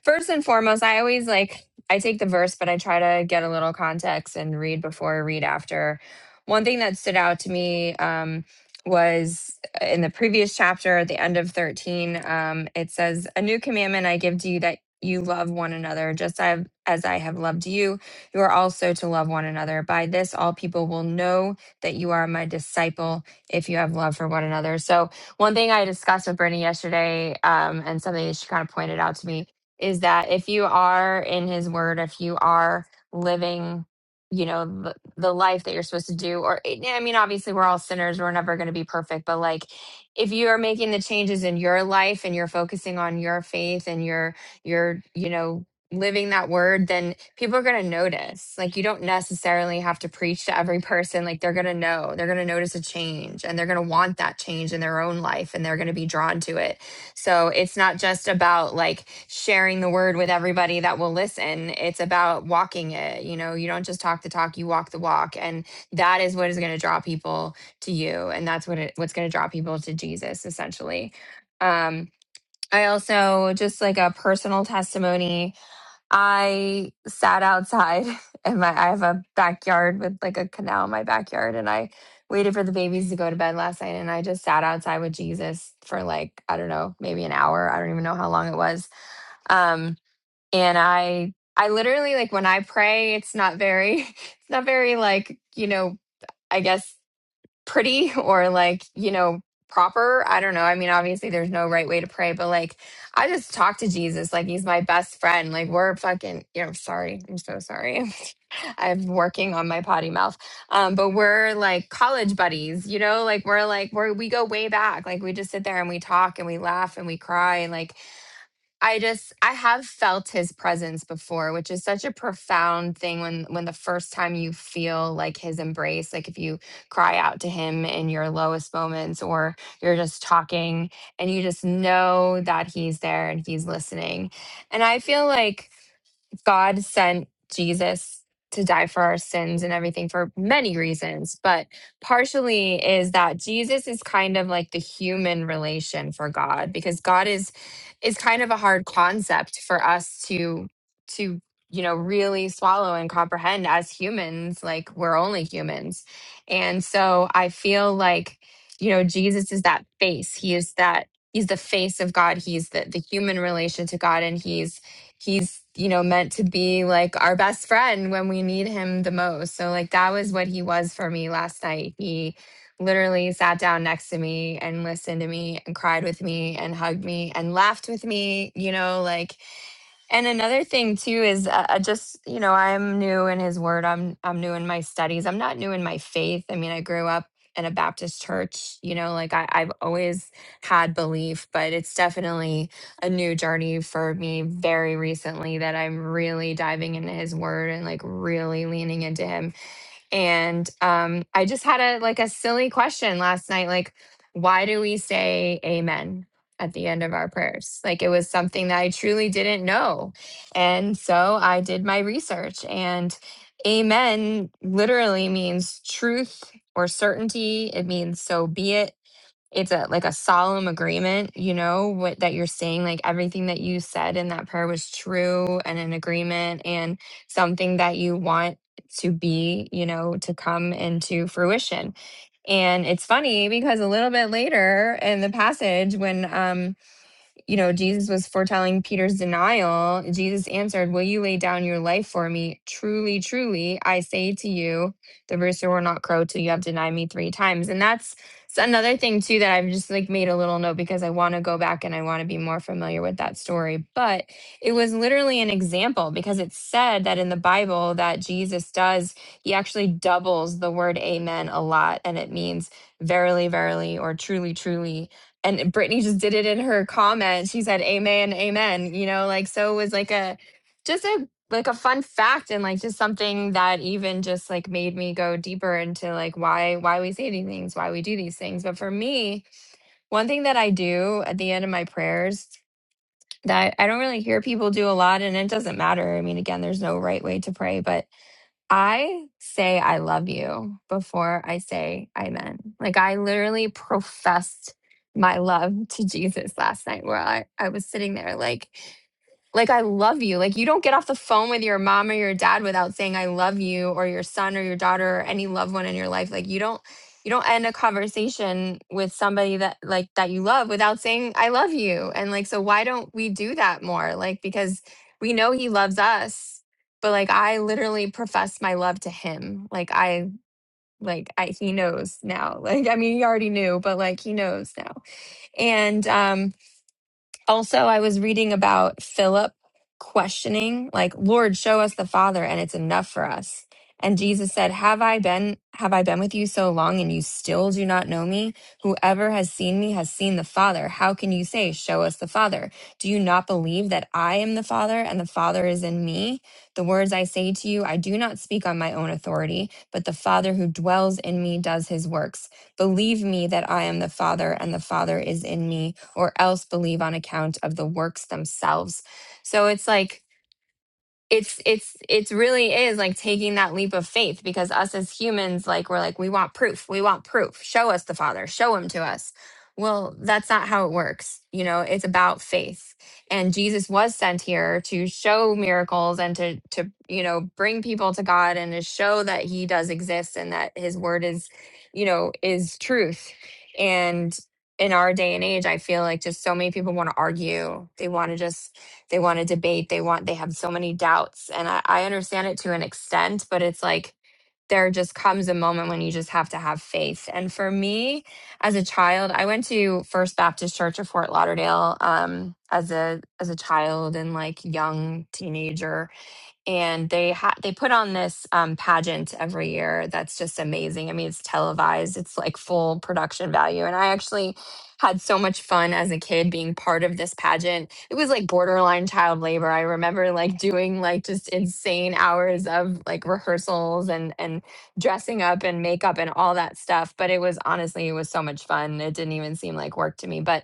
first and foremost i always like i take the verse but i try to get a little context and read before read after one thing that stood out to me um was uh, in the previous chapter at the end of 13 um it says a new commandment i give to you that you love one another just as as i have loved you you are also to love one another by this all people will know that you are my disciple if you have love for one another. So, one thing I discussed with Brittany yesterday, um, and something that she kind of pointed out to me, is that if you are in His Word, if you are living, you know, the, the life that you're supposed to do, or eh, I mean, obviously, we're all sinners, we're never going to be perfect, but like, if you are making the changes in your life and you're focusing on your faith and your your you know living that word, then people are going to notice. Like, you don't necessarily have to preach to every person. Like, they're going to know, they're going to notice a change and they're going to want that change in their own life and they're going to be drawn to it. So, it's not just about like sharing the word with everybody that will listen, it's about walking it. You know, you don't just talk the talk, you walk the walk. And that is what is going to draw people to you. And that's what it, what's going to draw people to Jesus, essentially. Um, I also just like a personal testimony. I sat outside and my I have a backyard with like a canal in my backyard and I waited for the babies to go to bed last night and I just sat outside with Jesus for like I don't know, maybe an hour. I don't even know how long it was. Um and I I literally like when I pray, it's not very it's not very like, you know, I guess pretty or like, you know, proper. I don't know. I mean, obviously there's no right way to pray, but like I just talk to Jesus like he's my best friend. Like we're fucking, you know, sorry. I'm so sorry. I'm working on my potty mouth. Um, but we're like college buddies, you know, like we're like we're we go way back. Like we just sit there and we talk and we laugh and we cry and like I just I have felt his presence before, which is such a profound thing when when the first time you feel like his embrace, like if you cry out to him in your lowest moments or you're just talking and you just know that he's there and he's listening. And I feel like God sent Jesus to die for our sins and everything for many reasons, but partially is that Jesus is kind of like the human relation for God because God is is kind of a hard concept for us to to you know really swallow and comprehend as humans like we're only humans. And so I feel like you know Jesus is that face. He is that he's the face of God. He's the the human relation to God and he's he's you know meant to be like our best friend when we need him the most so like that was what he was for me last night he literally sat down next to me and listened to me and cried with me and hugged me and laughed with me you know like and another thing too is uh, uh, just you know I'm new in His Word. I'm I'm new in my studies. I'm not new in my faith. I mean, I grew up in a Baptist church. You know, like I, I've always had belief, but it's definitely a new journey for me. Very recently, that I'm really diving into His Word and like really leaning into Him and um, I just had a like a silly question last night, like, why do we say amen at the end of our prayers? Like it was something that I truly didn't know. And so I did my research and amen literally means truth or certainty. It means so be it it's a like a solemn agreement you know what that you're saying like everything that you said in that prayer was true and an agreement and something that you want to be you know to come into fruition and it's funny because a little bit later in the passage when um you know, Jesus was foretelling Peter's denial. Jesus answered, Will you lay down your life for me? Truly, truly, I say to you, the rooster will not crow till you have denied me three times. And that's s- another thing, too, that I've just like made a little note because I want to go back and I want to be more familiar with that story. But it was literally an example because it's said that in the Bible that Jesus does, he actually doubles the word amen a lot. And it means verily, verily, or truly, truly and Brittany just did it in her comment. She said, "Amen, amen." You know, like so it was like a just a like a fun fact and like just something that even just like made me go deeper into like why why we say these things, why we do these things. But for me, one thing that I do at the end of my prayers that I don't really hear people do a lot, and it doesn't matter. I mean, again, there's no right way to pray, but I say I love you before I say amen. Like I literally professed my love to Jesus last night where I, I was sitting there like like I love you. Like you don't get off the phone with your mom or your dad without saying I love you or your son or your daughter or any loved one in your life. Like you don't you don't end a conversation with somebody that like that you love without saying I love you. And like so why don't we do that more? Like because we know he loves us but like I literally profess my love to him. Like I like I he knows now. Like I mean he already knew, but like he knows now. And um also, I was reading about Philip questioning, like, Lord, show us the Father, and it's enough for us. And Jesus said, Have I been have I been with you so long and you still do not know me? Whoever has seen me has seen the Father. How can you say, Show us the Father? Do you not believe that I am the Father and the Father is in me? The words I say to you, I do not speak on my own authority, but the Father who dwells in me does his works. Believe me that I am the Father and the Father is in me or else believe on account of the works themselves. So it's like, it's it's it's really is like taking that leap of faith because us as humans like we're like we want proof we want proof show us the father show him to us well that's not how it works you know it's about faith and jesus was sent here to show miracles and to to you know bring people to god and to show that he does exist and that his word is you know is truth and in our day and age i feel like just so many people want to argue they want to just they want to debate. They want, they have so many doubts. And I, I understand it to an extent, but it's like there just comes a moment when you just have to have faith. And for me, as a child, I went to First Baptist Church of Fort Lauderdale um, as a as a child and like young teenager and they ha- they put on this um, pageant every year that's just amazing. I mean, it's televised, it's like full production value, and I actually had so much fun as a kid being part of this pageant. It was like borderline child labor. I remember like doing like just insane hours of like rehearsals and and dressing up and makeup and all that stuff. But it was honestly, it was so much fun. It didn't even seem like work to me, but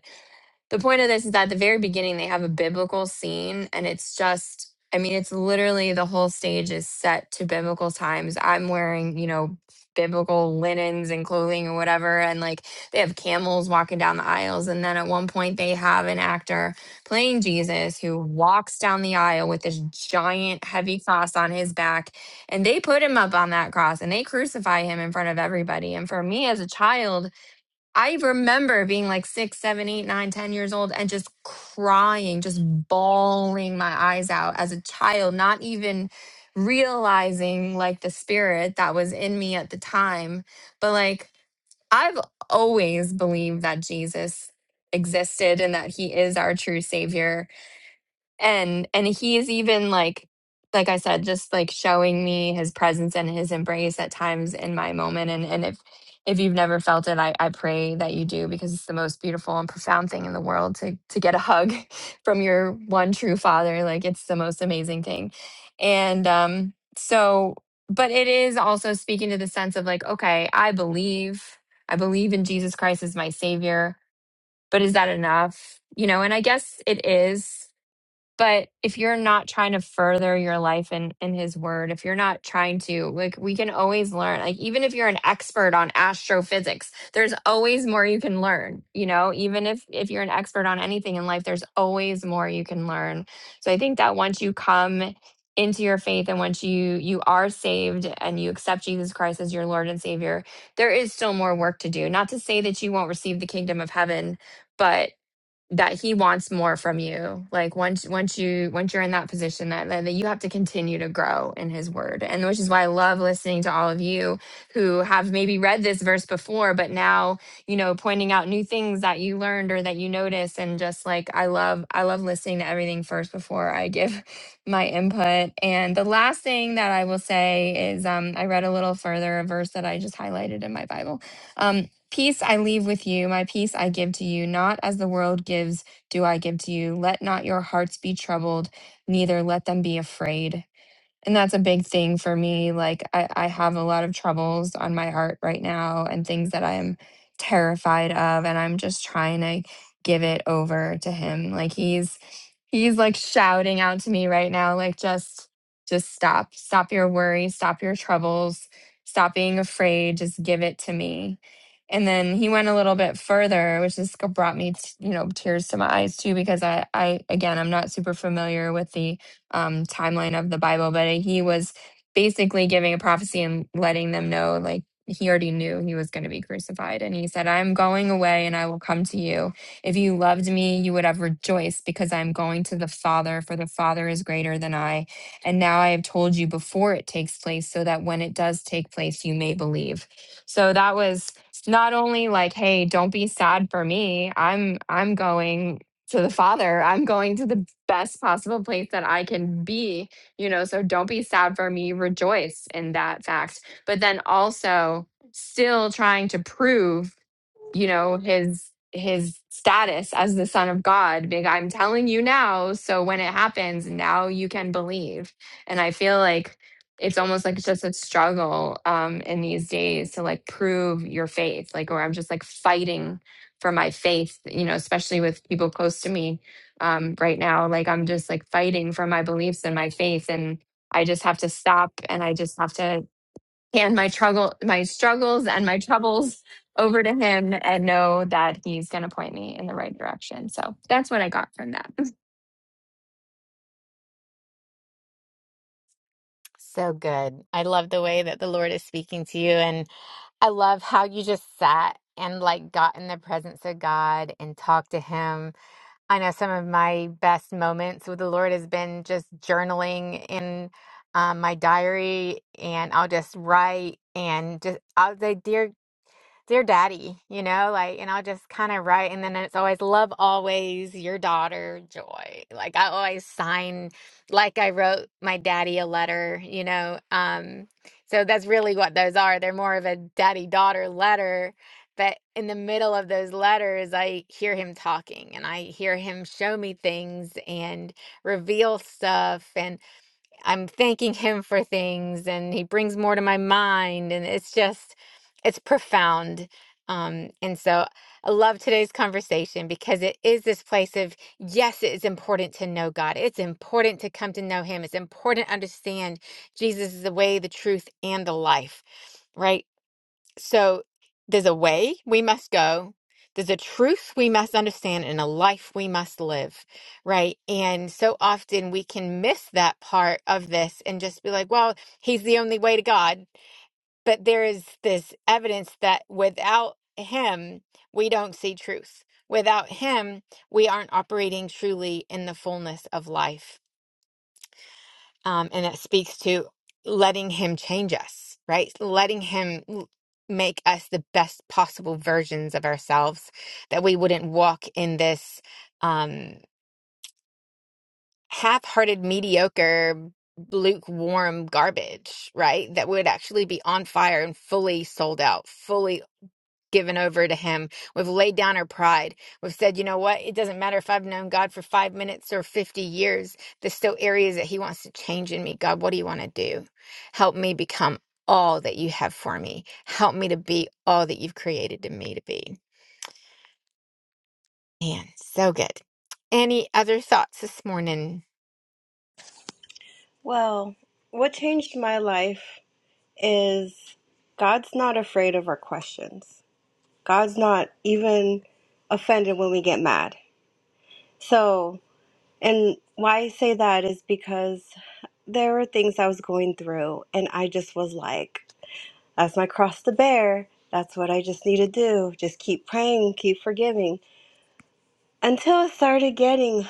the point of this is that at the very beginning they have a biblical scene and it's just I mean, it's literally the whole stage is set to biblical times. I'm wearing, you know, biblical linens and clothing or whatever. And like they have camels walking down the aisles. And then at one point, they have an actor playing Jesus who walks down the aisle with this giant, heavy cross on his back. And they put him up on that cross and they crucify him in front of everybody. And for me as a child, I remember being like six, seven, eight, nine, ten years old and just crying, just bawling my eyes out as a child, not even realizing like the spirit that was in me at the time. But like, I've always believed that Jesus existed and that he is our true savior and and he is even like like i said just like showing me his presence and his embrace at times in my moment and and if if you've never felt it i i pray that you do because it's the most beautiful and profound thing in the world to to get a hug from your one true father like it's the most amazing thing and um so but it is also speaking to the sense of like okay i believe i believe in jesus christ as my savior but is that enough you know and i guess it is but if you're not trying to further your life in in his word if you're not trying to like we can always learn like even if you're an expert on astrophysics there's always more you can learn you know even if if you're an expert on anything in life there's always more you can learn so i think that once you come into your faith and once you you are saved and you accept Jesus Christ as your Lord and Savior there is still more work to do not to say that you won't receive the kingdom of heaven but that he wants more from you like once once you once you're in that position that, that that you have to continue to grow in his word and which is why i love listening to all of you who have maybe read this verse before but now you know pointing out new things that you learned or that you noticed and just like i love i love listening to everything first before i give my input and the last thing that i will say is um i read a little further a verse that i just highlighted in my bible Um Peace I leave with you, my peace I give to you, not as the world gives, do I give to you. Let not your hearts be troubled, neither let them be afraid. And that's a big thing for me. Like I, I have a lot of troubles on my art right now and things that I'm terrified of. And I'm just trying to give it over to him. Like he's he's like shouting out to me right now, like just just stop. Stop your worries, stop your troubles, stop being afraid, just give it to me. And then he went a little bit further, which just brought me, t- you know, tears to my eyes too, because I, I, again, I'm not super familiar with the um, timeline of the Bible, but he was basically giving a prophecy and letting them know, like, he already knew he was going to be crucified. And he said, I'm going away and I will come to you. If you loved me, you would have rejoiced because I'm going to the Father, for the Father is greater than I. And now I have told you before it takes place, so that when it does take place, you may believe. So that was not only like hey don't be sad for me i'm i'm going to the Father. I'm going to the best possible place that I can be, you know, so don't be sad for me, rejoice in that fact. But then also still trying to prove, you know, his his status as the son of God. Big I'm telling you now, so when it happens, now you can believe. And I feel like it's almost like it's just a struggle um in these days to like prove your faith. Like or I'm just like fighting for my faith, you know, especially with people close to me um, right now. Like I'm just like fighting for my beliefs and my faith, and I just have to stop and I just have to hand my struggle, my struggles and my troubles over to Him, and know that He's going to point me in the right direction. So that's what I got from that.
So good. I love the way that the Lord is speaking to you. and. I love how you just sat and like got in the presence of God and talked to him. I know some of my best moments with the Lord has been just journaling in um, my diary and I'll just write and just I'll say, dear dear daddy, you know, like, and I'll just kind of write. And then it's always love always your daughter, Joy. Like, I always sign, like, I wrote my daddy a letter, you know. Um, so that's really what those are. They're more of a daddy daughter letter. But in the middle of those letters, I hear him talking and I hear him show me things and reveal stuff. And I'm thanking him for things and he brings more to my mind and it's just it's profound. Um and so I love today's conversation because it is this place of yes it is important to know God. It's important to come to know him. It's important to understand Jesus is the way, the truth and the life. Right? So there's a way we must go. There's a truth we must understand and a life we must live, right? And so often we can miss that part of this and just be like, well, he's the only way to God. But there is this evidence that without him, we don't see truth. Without him, we aren't operating truly in the fullness of life um, and it speaks to letting him change us right letting him l- make us the best possible versions of ourselves that we wouldn't walk in this um, half-hearted mediocre lukewarm garbage right that would actually be on fire and fully sold out fully given over to Him. We've laid down our pride. We've said, you know what? It doesn't matter if I've known God for five minutes or 50 years. There's still areas that He wants to change in me. God, what do you want to do? Help me become all that you have for me. Help me to be all that you've created me to be. Man, so good. Any other thoughts this morning?
Well, what changed my life is God's not afraid of our questions. God's not even offended when we get mad. So, and why I say that is because there were things I was going through, and I just was like, that's my cross to bear. That's what I just need to do. Just keep praying, keep forgiving. Until I started getting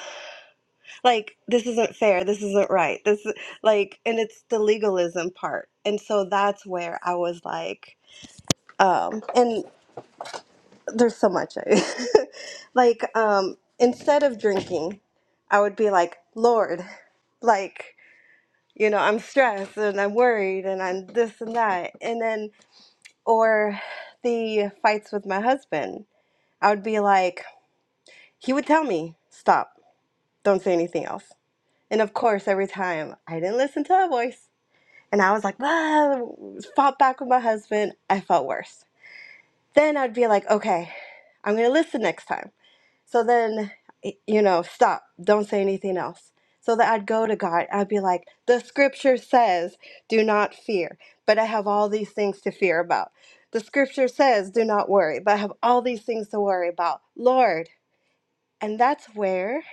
like this isn't fair this isn't right this is- like and it's the legalism part and so that's where i was like um and there's so much I, like um instead of drinking i would be like lord like you know i'm stressed and i'm worried and i'm this and that and then or the fights with my husband i would be like he would tell me stop don't say anything else and of course every time i didn't listen to a voice And I was like, ah, fought back with my husband. I felt worse. Then I'd be like, okay, I'm going to listen next time. So then, you know, stop. Don't say anything else. So that I'd go to God. I'd be like, the scripture says, do not fear, but I have all these things to fear about. The scripture says, do not worry, but I have all these things to worry about. Lord. And that's where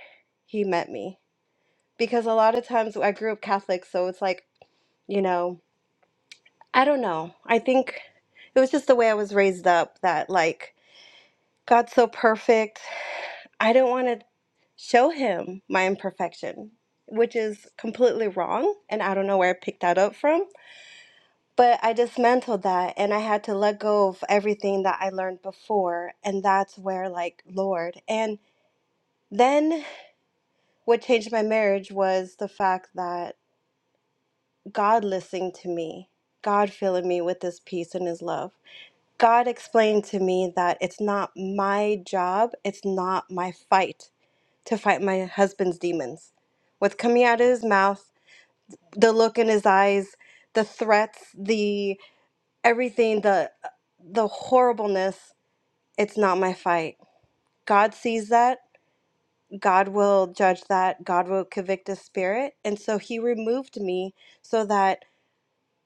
he met me. Because a lot of times I grew up Catholic, so it's like, you know, I don't know. I think it was just the way I was raised up that, like, God's so perfect. I don't want to show him my imperfection, which is completely wrong. And I don't know where I picked that up from. But I dismantled that and I had to let go of everything that I learned before. And that's where, like, Lord. And then what changed my marriage was the fact that God listening to me, God filling me with his peace and his love. God explained to me that it's not my job, it's not my fight to fight my husband's demons. What's coming out of his mouth, the look in his eyes, the threats, the everything, the the horribleness, it's not my fight. God sees that. God will judge that. God will convict his spirit. And so he removed me so that,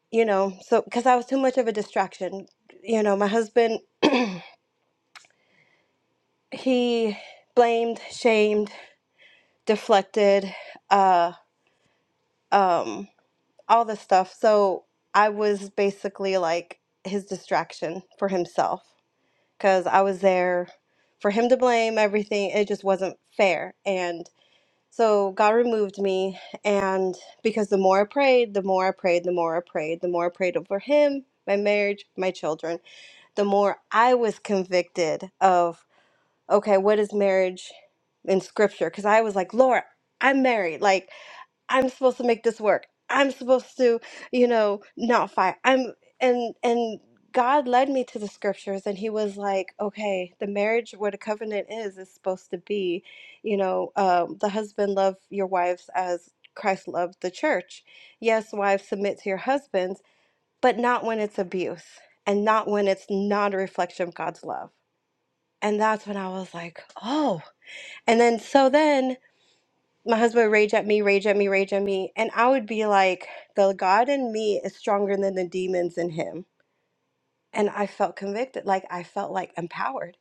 you know, so because I was too much of a distraction. You know, my husband, he blamed, shamed, deflected uh um all the stuff so i was basically like his distraction for himself because i was there for him to blame everything it just wasn't fair and so god removed me and because the more i prayed the more i prayed the more i prayed the more i prayed over him my marriage my children the more i was convicted of okay what is marriage in scripture because i was like lord i'm married like I'm supposed to make this work. I'm supposed to, you know, not fight. I'm and and God led me to the scriptures and he was like, okay, the marriage what a covenant is is supposed to be, you know, um, the husband love your wives as Christ loved the church. Yes, wives submit to your husbands, but not when it's abuse and not when it's not a reflection of God's love. And that's when I was like, oh. And then so then my husband would rage at me, rage at me, rage at me. And I would be like, the God in me is stronger than the demons in him. And I felt convicted. Like I felt like empowered.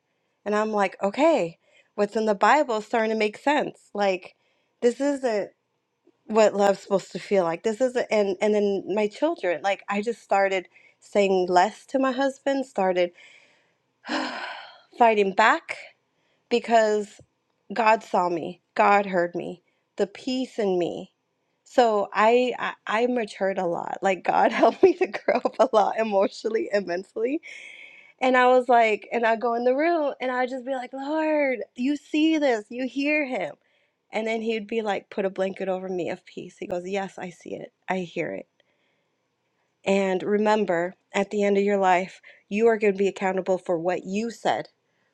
And I'm like, okay, what's in the Bible is starting to make sense. Like this isn't what love's supposed to feel like. This isn't and and then my children, like I just started saying less to my husband, started fighting back because. God saw me. God heard me. The peace in me. So I, I I matured a lot. Like God helped me to grow up a lot emotionally and mentally. And I was like, and I go in the room and I'd just be like, Lord, you see this, you hear him. And then he'd be like, put a blanket over me of peace. He goes, Yes, I see it. I hear it. And remember, at the end of your life, you are going to be accountable for what you said,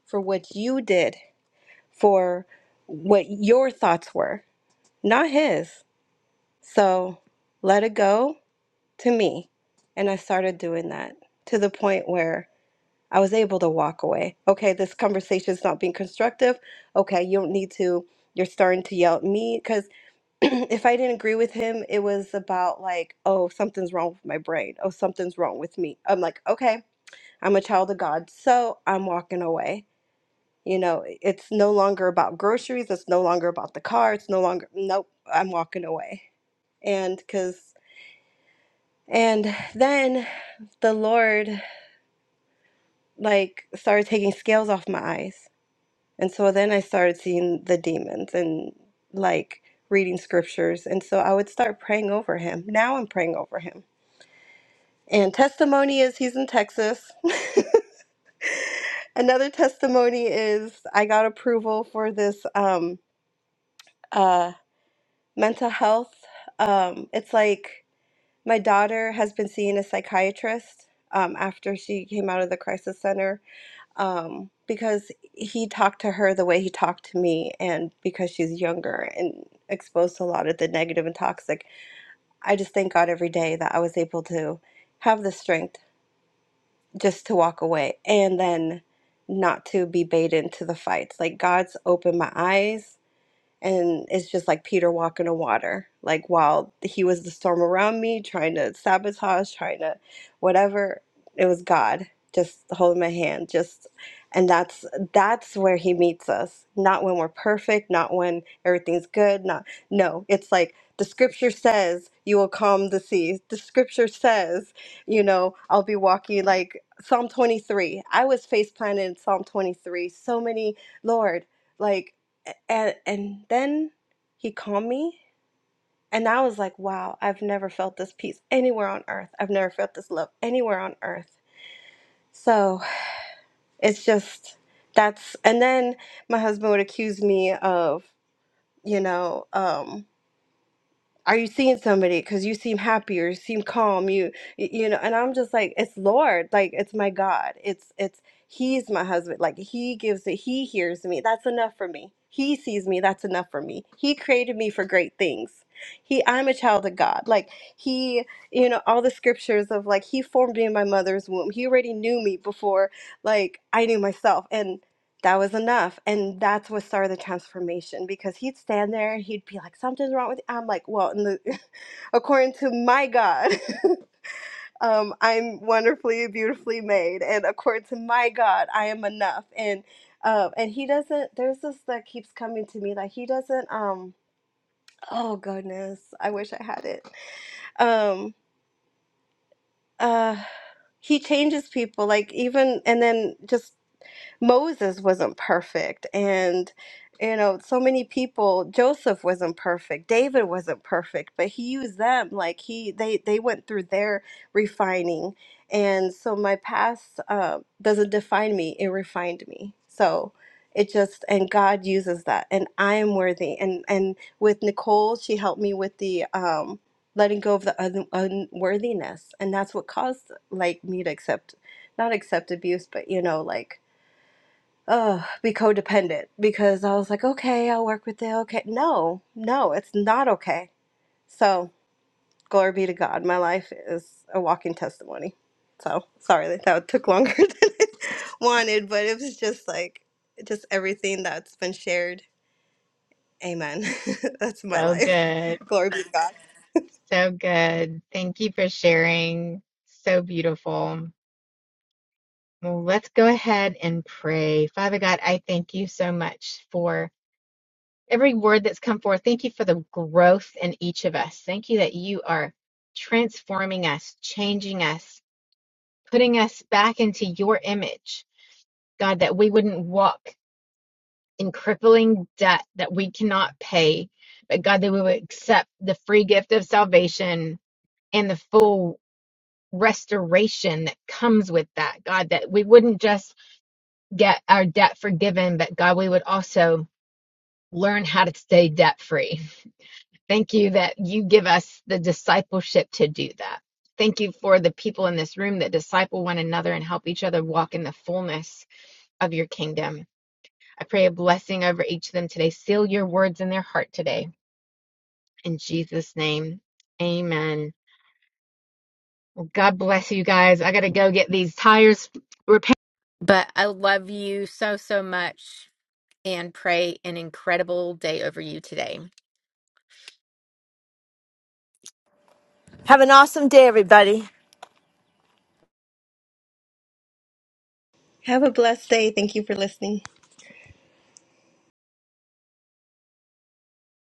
for what you did, for what your thoughts were not his. So let it go to me. And I started doing that to the point where I was able to walk away. Okay, this conversation is not being constructive. Okay, you don't need to, you're starting to yell at me. Because if I didn't agree with him, it was about like, oh, something's wrong with my brain. Oh, something's wrong with me. I'm like, okay, I'm a child of God. So I'm walking away. You know, it's no longer about groceries. It's no longer about the car. It's no longer, nope, I'm walking away and because and then the lord like started taking scales off my eyes and so then i started seeing the demons and like reading scriptures and so i would start praying over him now i'm praying over him and testimony is he's in texas another testimony is i got approval for this um uh mental health um it's like my daughter has been seeing a psychiatrist um, after she came out of the crisis center um, because he talked to her the way he talked to me, and because she's younger and exposed to a lot of the negative and toxic, I just thank God every day that I was able to have the strength just to walk away and then not to be baited into the fights. Like God's opened my eyes and it's just like Peter walking on water. Like while he was the storm around me, trying to sabotage, trying to whatever, it was God just holding my hand. Just and that's that's where he meets us. Not when we're perfect, not when everything's good, not no. It's like the scripture says you will calm the seas. The scripture says, you know, I'll be walking like Psalm 23. I was face planted in Psalm 23. So many, Lord, like and and then he called me and i was like wow i've never felt this peace anywhere on earth i've never felt this love anywhere on earth so it's just that's and then my husband would accuse me of you know um are you seeing somebody because you seem happier you seem calm you y- you know and i'm just like it's lord like it's my god it's it's he's my husband like he gives it he hears me that's enough for me he sees me that's enough for me he created me for great things he i'm a child of god like he you know all the scriptures of like he formed me in my mother's womb he already knew me before like i knew myself And that was enough. And that's what started the transformation because he'd stand there and he'd be like, something's wrong with you. I'm like, well, in the, according to my God, um, I'm wonderfully, beautifully made. And according to my God, I am enough. And, uh, and he doesn't, there's this that keeps coming to me like he doesn't, um, oh goodness, I wish I had it. Um, uh, he changes people like even and then just Moses wasn't perfect and you know so many people Joseph wasn't perfect David wasn't perfect but he used them like he they they went through their refining and so my past uh, doesn't define me it refined me so it just and God uses that and I am worthy and and with Nicole she helped me with the um letting go of the un- unworthiness and that's what caused like me to accept not accept abuse but you know like uh be codependent because I was like, okay, I'll work with it. Okay. No, no, it's not okay. So glory be to God. My life is a walking testimony. So sorry that that took longer than I wanted, but it was just like just everything that's been shared. Amen. that's my
So
life.
good.
Glory be to God.
So good. Thank you for sharing. So beautiful. Well, let's go ahead and pray. Father God, I thank you so much for. every word that's come forth. Thank you for the growth in each of us. Thank you that you are transforming us, changing us, putting us back into your image. God, that we wouldn't walk in crippling debt that we cannot pay, but God, that we would accept the free gift of salvation and the full restoration that comes with that. God, that we wouldn't just get our debt forgiven, but God, we would also learn how to stay debt free. Thank you that you give us the discipleship to do that. Thank you for the people in this room that disciple one another and help each other walk in the fullness of your kingdom. I pray a blessing over each of them today. Seal your words in their heart today. In Jesus' name, amen. God bless you guys. I got to go get these tires repaired. But I love you so, so much and pray an incredible day over you today.
Have an awesome day, everybody.
Have a blessed day. Thank you for listening.